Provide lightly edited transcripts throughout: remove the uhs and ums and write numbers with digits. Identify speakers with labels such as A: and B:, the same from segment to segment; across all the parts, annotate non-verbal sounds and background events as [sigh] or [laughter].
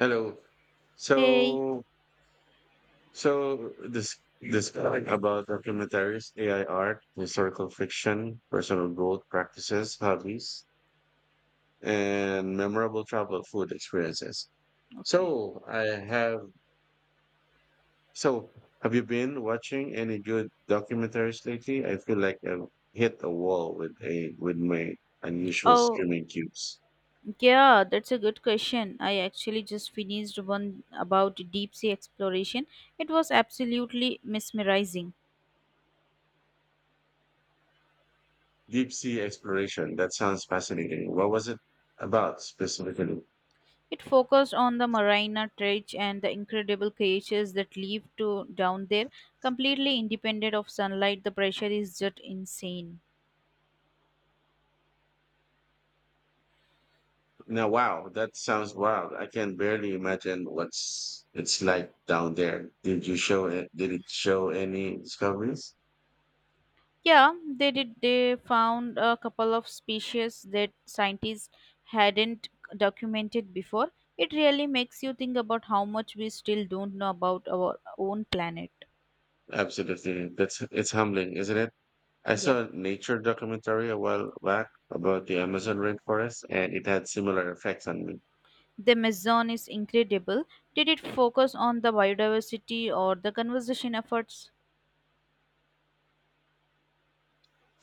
A: Hello.
B: Hey.
A: So, so, this topic about documentaries, AI art, historical fiction, personal growth practices, hobbies, and memorable travel food experiences.
B: Okay.
A: So I have. So have you been watching any good documentaries lately? I feel like I've hit a wall with a with my unusual
B: oh,
A: streaming cubes.
B: yeah, that's a good question. I actually just finished one about deep sea exploration. It was absolutely mesmerizing.
A: Deep sea exploration. That sounds fascinating. What was it about specifically?
B: It focused on the Marina Trench and the incredible creatures that live to down there, completely independent of sunlight. The pressure is just insane.
A: Wow, that sounds wild. I can barely imagine what's it's like down there. Did you show it? Did it show any discoveries?
B: Yeah, they did. They found a couple of species that scientists hadn't documented before. It really makes you think about how much we still don't know about our own planet.
A: Absolutely. That's It's humbling, isn't it? I
B: Yeah.
A: saw a nature documentary a while back about the Amazon rainforest, and it had similar effects on me.
B: The Amazon is incredible. Did it focus on the biodiversity or the conservation efforts?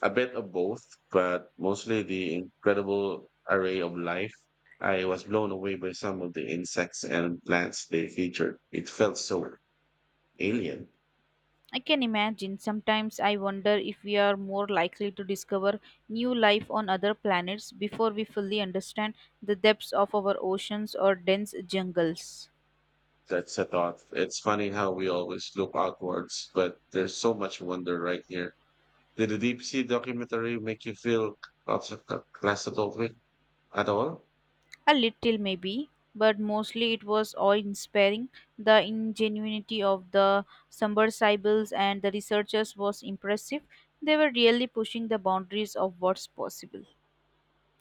A: A bit of both, but mostly the incredible array of life. I was blown away by some of the insects and plants they featured. It felt so alien.
B: I can imagine. Sometimes I wonder if we are more likely to discover new life on other planets before we fully understand the depths of our oceans or dense jungles.
A: That's a thought. It's funny how we always look outwards, but there's so much wonder right here. Did the deep sea documentary make you feel claustrophobic at all?
B: A little, maybe, but mostly it was awe inspiring. The ingenuity of the submersibles and the researchers was impressive. They were really pushing the boundaries of what's possible.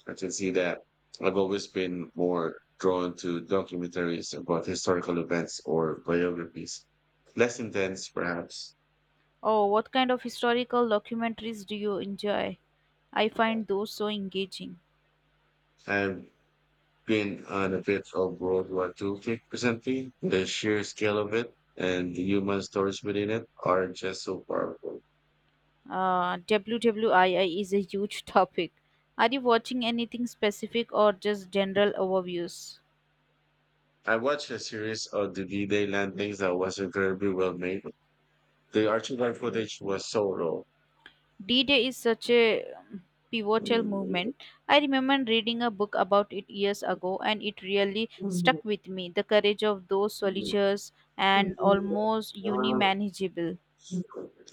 A: I can see that. I've always been more drawn to documentaries about historical events or biographies. Less intense, perhaps.
B: Oh, what kind of historical documentaries do you enjoy? I find those so engaging.
A: I've been on a bit of World War Two, kick recently. The sheer scale of it and the human stories within it are just so powerful.
B: WWII is a huge [laughs] topic. Are you watching anything specific or just general overviews?
A: I watched a series of the V-Day landings that was incredibly well made. The archival footage was so raw.
B: D-Day is such a pivotal movement. I remember reading a book about it years ago and it really stuck with me. The courage of those soldiers and almost unmanageable.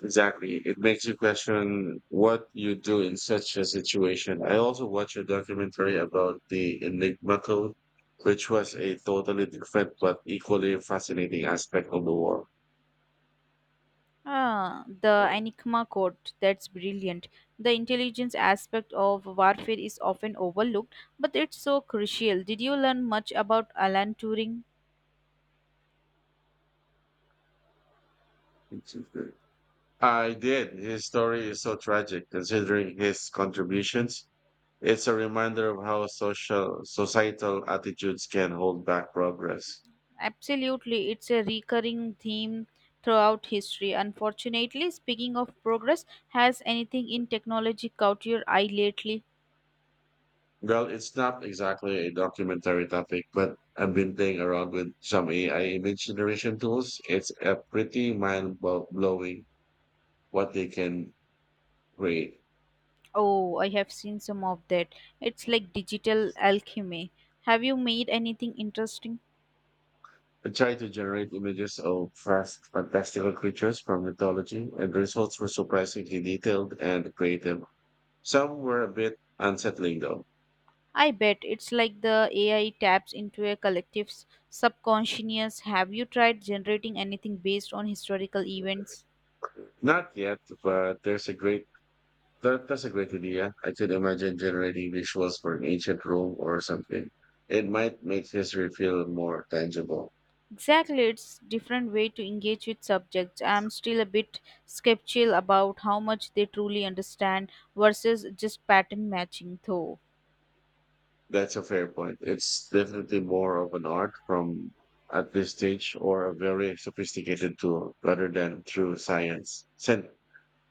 A: Exactly. It makes you question what you do in such a situation. I also watched a documentary about the Enigma Code, which was a totally different but equally fascinating aspect of the war.
B: Ah, the Enigma code, that's brilliant. The intelligence aspect of warfare is often overlooked, but it's so crucial. Did you learn much about Alan Turing?
A: I did. His story is so tragic considering his contributions. It's a reminder of how social societal attitudes can hold back progress.
B: Absolutely, it's a recurring theme throughout history. Unfortunately, speaking of progress, has anything in technology caught your eye lately?
A: Well, it's not exactly a documentary topic, but I've been playing around with some AI image generation tools. It's a pretty blowing what they can create.
B: Oh, I have seen some of that. It's like digital alchemy. Have you made anything interesting?
A: I tried to generate images of fast, fantastical creatures from mythology, and the results were surprisingly detailed and creative. Some were a bit unsettling, though.
B: I bet it's like the AI taps into a collective's subconscious. Have you tried generating anything based on historical events?
A: Not yet, but there's a great That's a great idea. I could imagine generating visuals for an ancient Rome or something. It might make history feel more tangible.
B: Exactly, it's different way to engage with subjects. I'm still a bit skeptical about how much they truly understand versus just pattern matching though.
A: That's a fair point. It's definitely more of an art from at this stage or a very sophisticated tool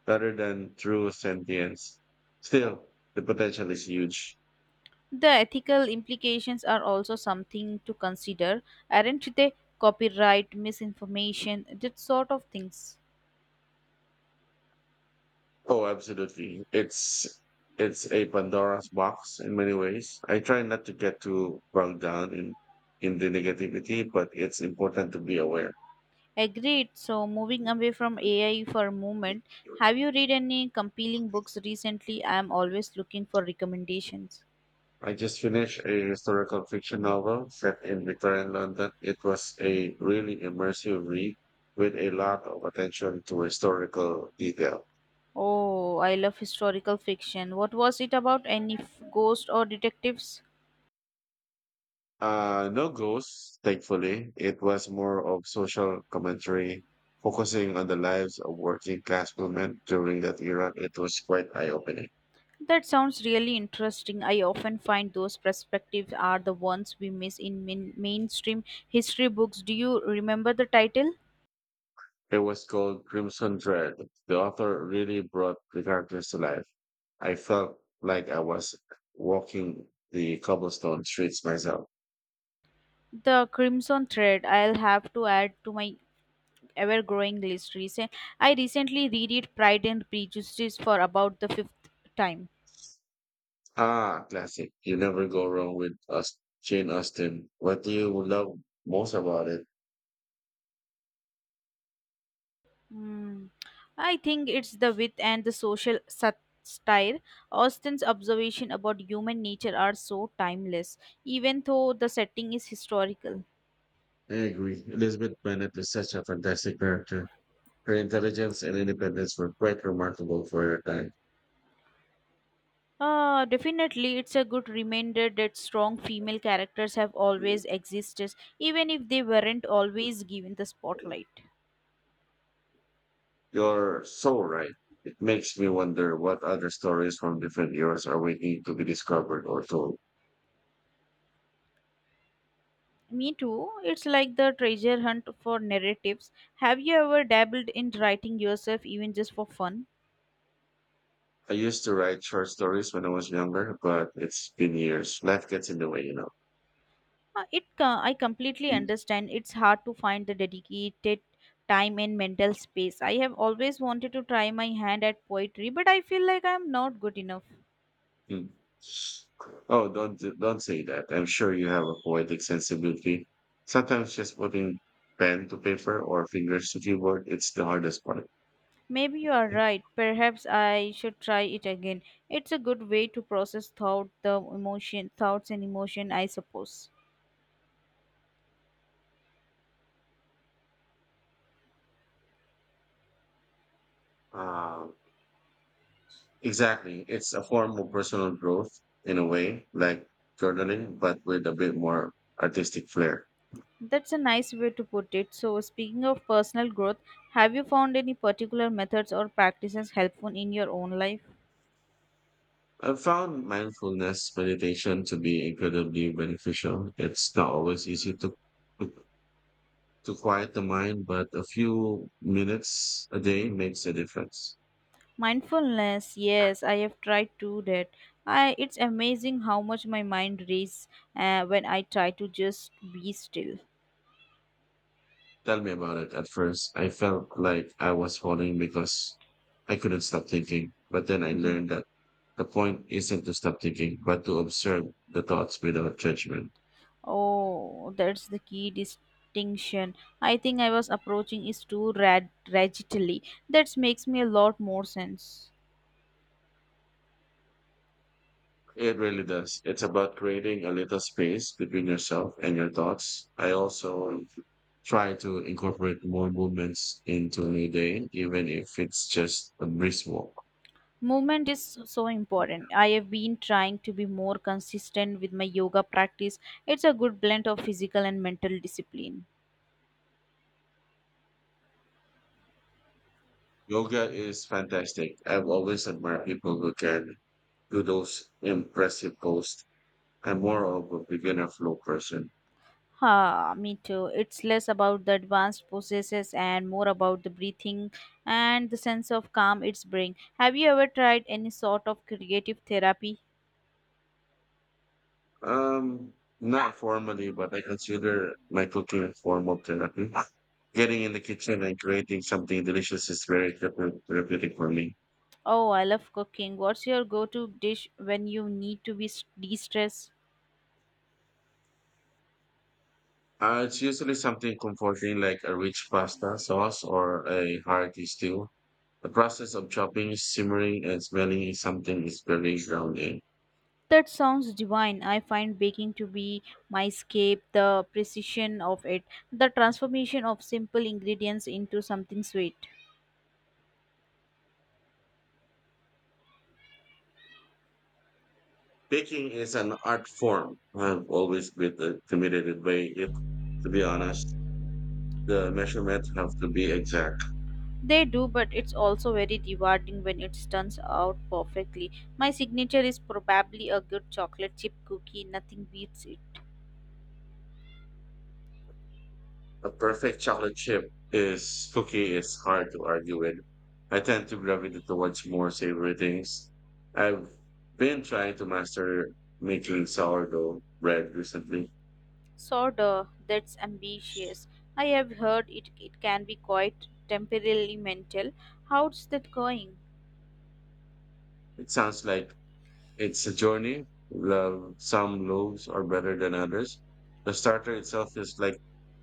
A: rather than through sentience. Still, the potential is huge.
B: The ethical implications are also something to consider, aren't they? Copyright, misinformation, that sort of things.
A: Oh, absolutely. It's a Pandora's box in many ways. I try not to get too bogged down in the negativity, but it's important to be aware.
B: Agreed. So moving away from AI for a moment, have you read any compelling books recently? I'm always looking for recommendations.
A: I just finished a historical fiction novel set in Victorian London. It was a really immersive read with a lot of attention to historical detail.
B: Oh, I love historical fiction. What was it about? Ghosts or detectives?
A: No ghosts, thankfully. It was more of social commentary, focusing on the lives of working class women during that era. It was quite eye-opening.
B: That sounds really interesting. I often find those perspectives are the ones we miss in mainstream history books. Do you remember the title?
A: It was called Crimson Dread. The author really brought the characters to life. I felt like I was walking the cobblestone streets myself.
B: The Crimson Thread. I'll have to add to my ever-growing list. I recently read it Pride and Prejudice for about the fifth time.
A: Ah, classic. You never go wrong with us, Jane Austen. What do you love most about it?
B: Hmm. I think it's the wit and the social satire. Austen's observation about human nature are so timeless, even though the setting is historical.
A: I agree. Elizabeth Bennet is such a fantastic character. Her intelligence and independence were quite remarkable for her time.
B: Definitely, it's a good reminder that strong female characters have always existed, even if they weren't always given the spotlight.
A: You're so right. It makes me wonder what other stories from different eras are waiting to be discovered or told.
B: Me too. It's like the treasure hunt for narratives. Have you ever dabbled in writing yourself, even just for fun?
A: I used to write short stories when I was younger, but it's been years. Life gets in the way, you know.
B: I completely understand. It's hard to find the dedicated time and mental space. I have always wanted to try my hand at poetry, but I feel like I'm not good enough.
A: Mm. Oh, don't say that. I'm sure you have a poetic sensibility. Sometimes just putting pen to paper or fingers to keyboard, it's the hardest part.
B: Maybe you are right. Perhaps I should try it again. It's a good way to process thought, the emotion, thoughts and emotion, I suppose.
A: Um, Exactly. It's a form of personal growth in a way, like journaling, but with a bit more artistic flair.
B: That's a nice way to put it. So, speaking of personal growth, have you found any particular methods or practices helpful in your own life?
A: I've found mindfulness meditation to be incredibly beneficial. It's not always easy to to quiet the mind, but a few minutes a day makes a difference.
B: Mindfulness, yes, I have tried to that. I it's amazing how much my mind races when I try to just be still.
A: Tell me about it. At first, I felt like I was falling because I couldn't stop thinking. But then I
B: Mhm.
A: learned that the point isn't to stop thinking, but to observe the thoughts without judgment.
B: Oh, that's the key distinction. I think I was approaching is too rad rigidly. That makes me a lot more sense.
A: It really does. It's about creating a little space between yourself and your thoughts. I also try to incorporate more movements into my day, even if it's just a brisk walk.
B: Movement is so important. I have been trying to be more consistent with my yoga practice. It's a good blend of physical and mental discipline.
A: Yoga is fantastic. I've always admired people who can do those impressive poses. I'm more of a beginner flow person.
B: Ha, me too. It's less about the advanced processes and more about the breathing and the sense of calm it's bring. Have you ever tried any sort of creative therapy?
A: Um, Not formally, but I consider my cooking a form of therapy. Getting in the kitchen and creating something delicious is very therapeutic for me.
B: Oh, I love cooking. What's your go-to dish when you need to be de-stressed?
A: It's usually something comforting like a rich pasta sauce or a hearty stew. The process of chopping, simmering, and smelling is very grounding.
B: That sounds divine. I find baking to be my escape, the precision of it, the transformation of simple ingredients into something sweet.
A: Baking is an art form. I've always been intimidated by it, to be honest. The measurements have to be exact.
B: They do, but it's also very rewarding when it turns out perfectly. My signature is probably a good chocolate chip cookie, nothing beats it.
A: A perfect chocolate chip is cookie is hard to argue with. I tend to gravitate towards more savory things. I've been trying to master making sourdough bread recently.
B: Soda, that's ambitious. I have heard it, it can be quite temporarily mental. How's that going?
A: It sounds like it's a journey. Love some loaves are better than others. The starter itself is like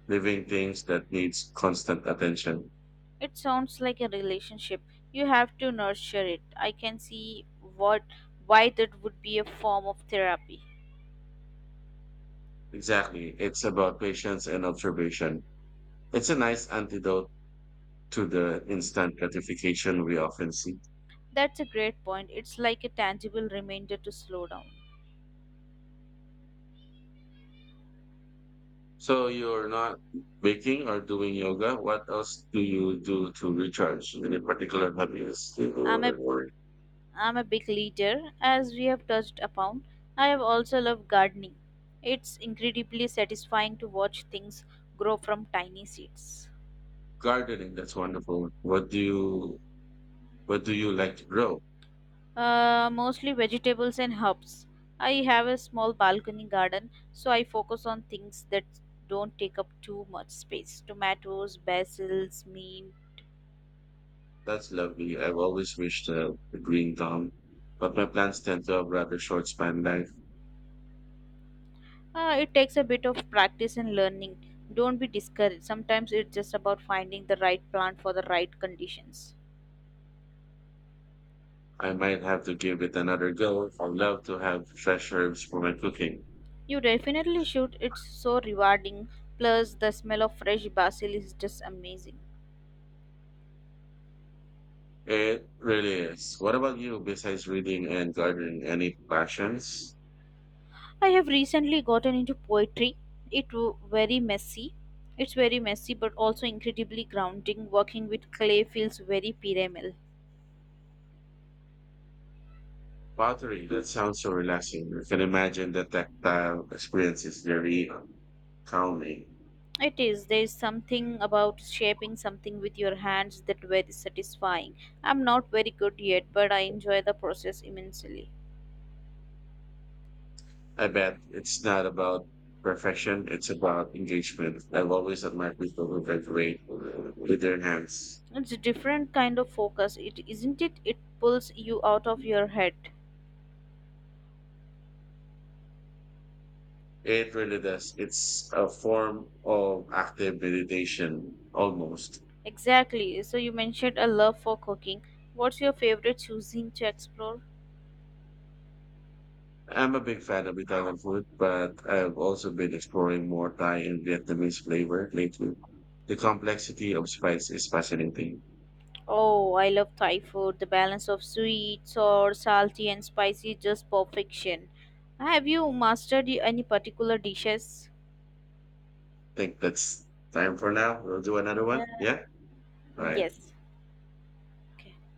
A: living things that needs constant attention.
B: It sounds like a relationship. You have to nurture it. I can see what why that would be a form of therapy.
A: Exactly. It's about patience and observation. It's a nice antidote to the instant gratification we often see.
B: That's a great point. It's like a tangible reminder to slow down.
A: So you're not baking or doing yoga. What else do you do to recharge? Any particular hobbies?
B: I'm a
A: Or?
B: I'm a big leader, as we have touched upon. I have also loved gardening. It's incredibly satisfying to watch things grow from tiny seeds.
A: Gardening, that's wonderful. What do you like to grow?
B: Mostly vegetables and herbs. I have a small balcony garden, so I focus on things that don't take up too much space. Tomatoes, basils, mint.
A: That's lovely. I've always wished a green thumb, but my plants tend to have rather short span life.
B: It takes a bit of practice and learning. Don't be discouraged. Sometimes it's just about finding the right plant for the right conditions.
A: I might have to give it another go. I'd love to have fresh herbs for my cooking.
B: You definitely should. It's so rewarding. Plus, the smell of fresh basil is just amazing.
A: It really is. What about you, besides reading and gardening? Any passions?
B: I have recently gotten into poetry. Very messy. It's very messy, but also incredibly grounding. Working with clay feels very pyramidal.
A: Pottery, that sounds so relaxing. I can imagine the tactile experience is very calming.
B: It is. There is something about shaping something with your hands that very satisfying. I'm not very good yet, but I enjoy the process immensely.
A: I bet it's not about perfection, it's about engagement. I've always admired people who graduate with their hands.
B: It's a different kind of focus. It isn't it. It pulls you out of your head.
A: It really does. It's a form of active meditation, almost.
B: Exactly. So you mentioned a love for cooking. What's your favorite cuisine to explore?
A: I'm a big fan of Italian food, but I've also been exploring more Thai and Vietnamese flavor lately. The complexity of spice is fascinating.
B: Oh, I love Thai food. The balance of sweet, sour, salty, and spicy is just perfection. Have you mastered any particular dishes?
A: Think that's time for now. We'll do another one.
B: Yeah.
A: Yeah. All
B: Mm,
A: right.
B: yes. Okay.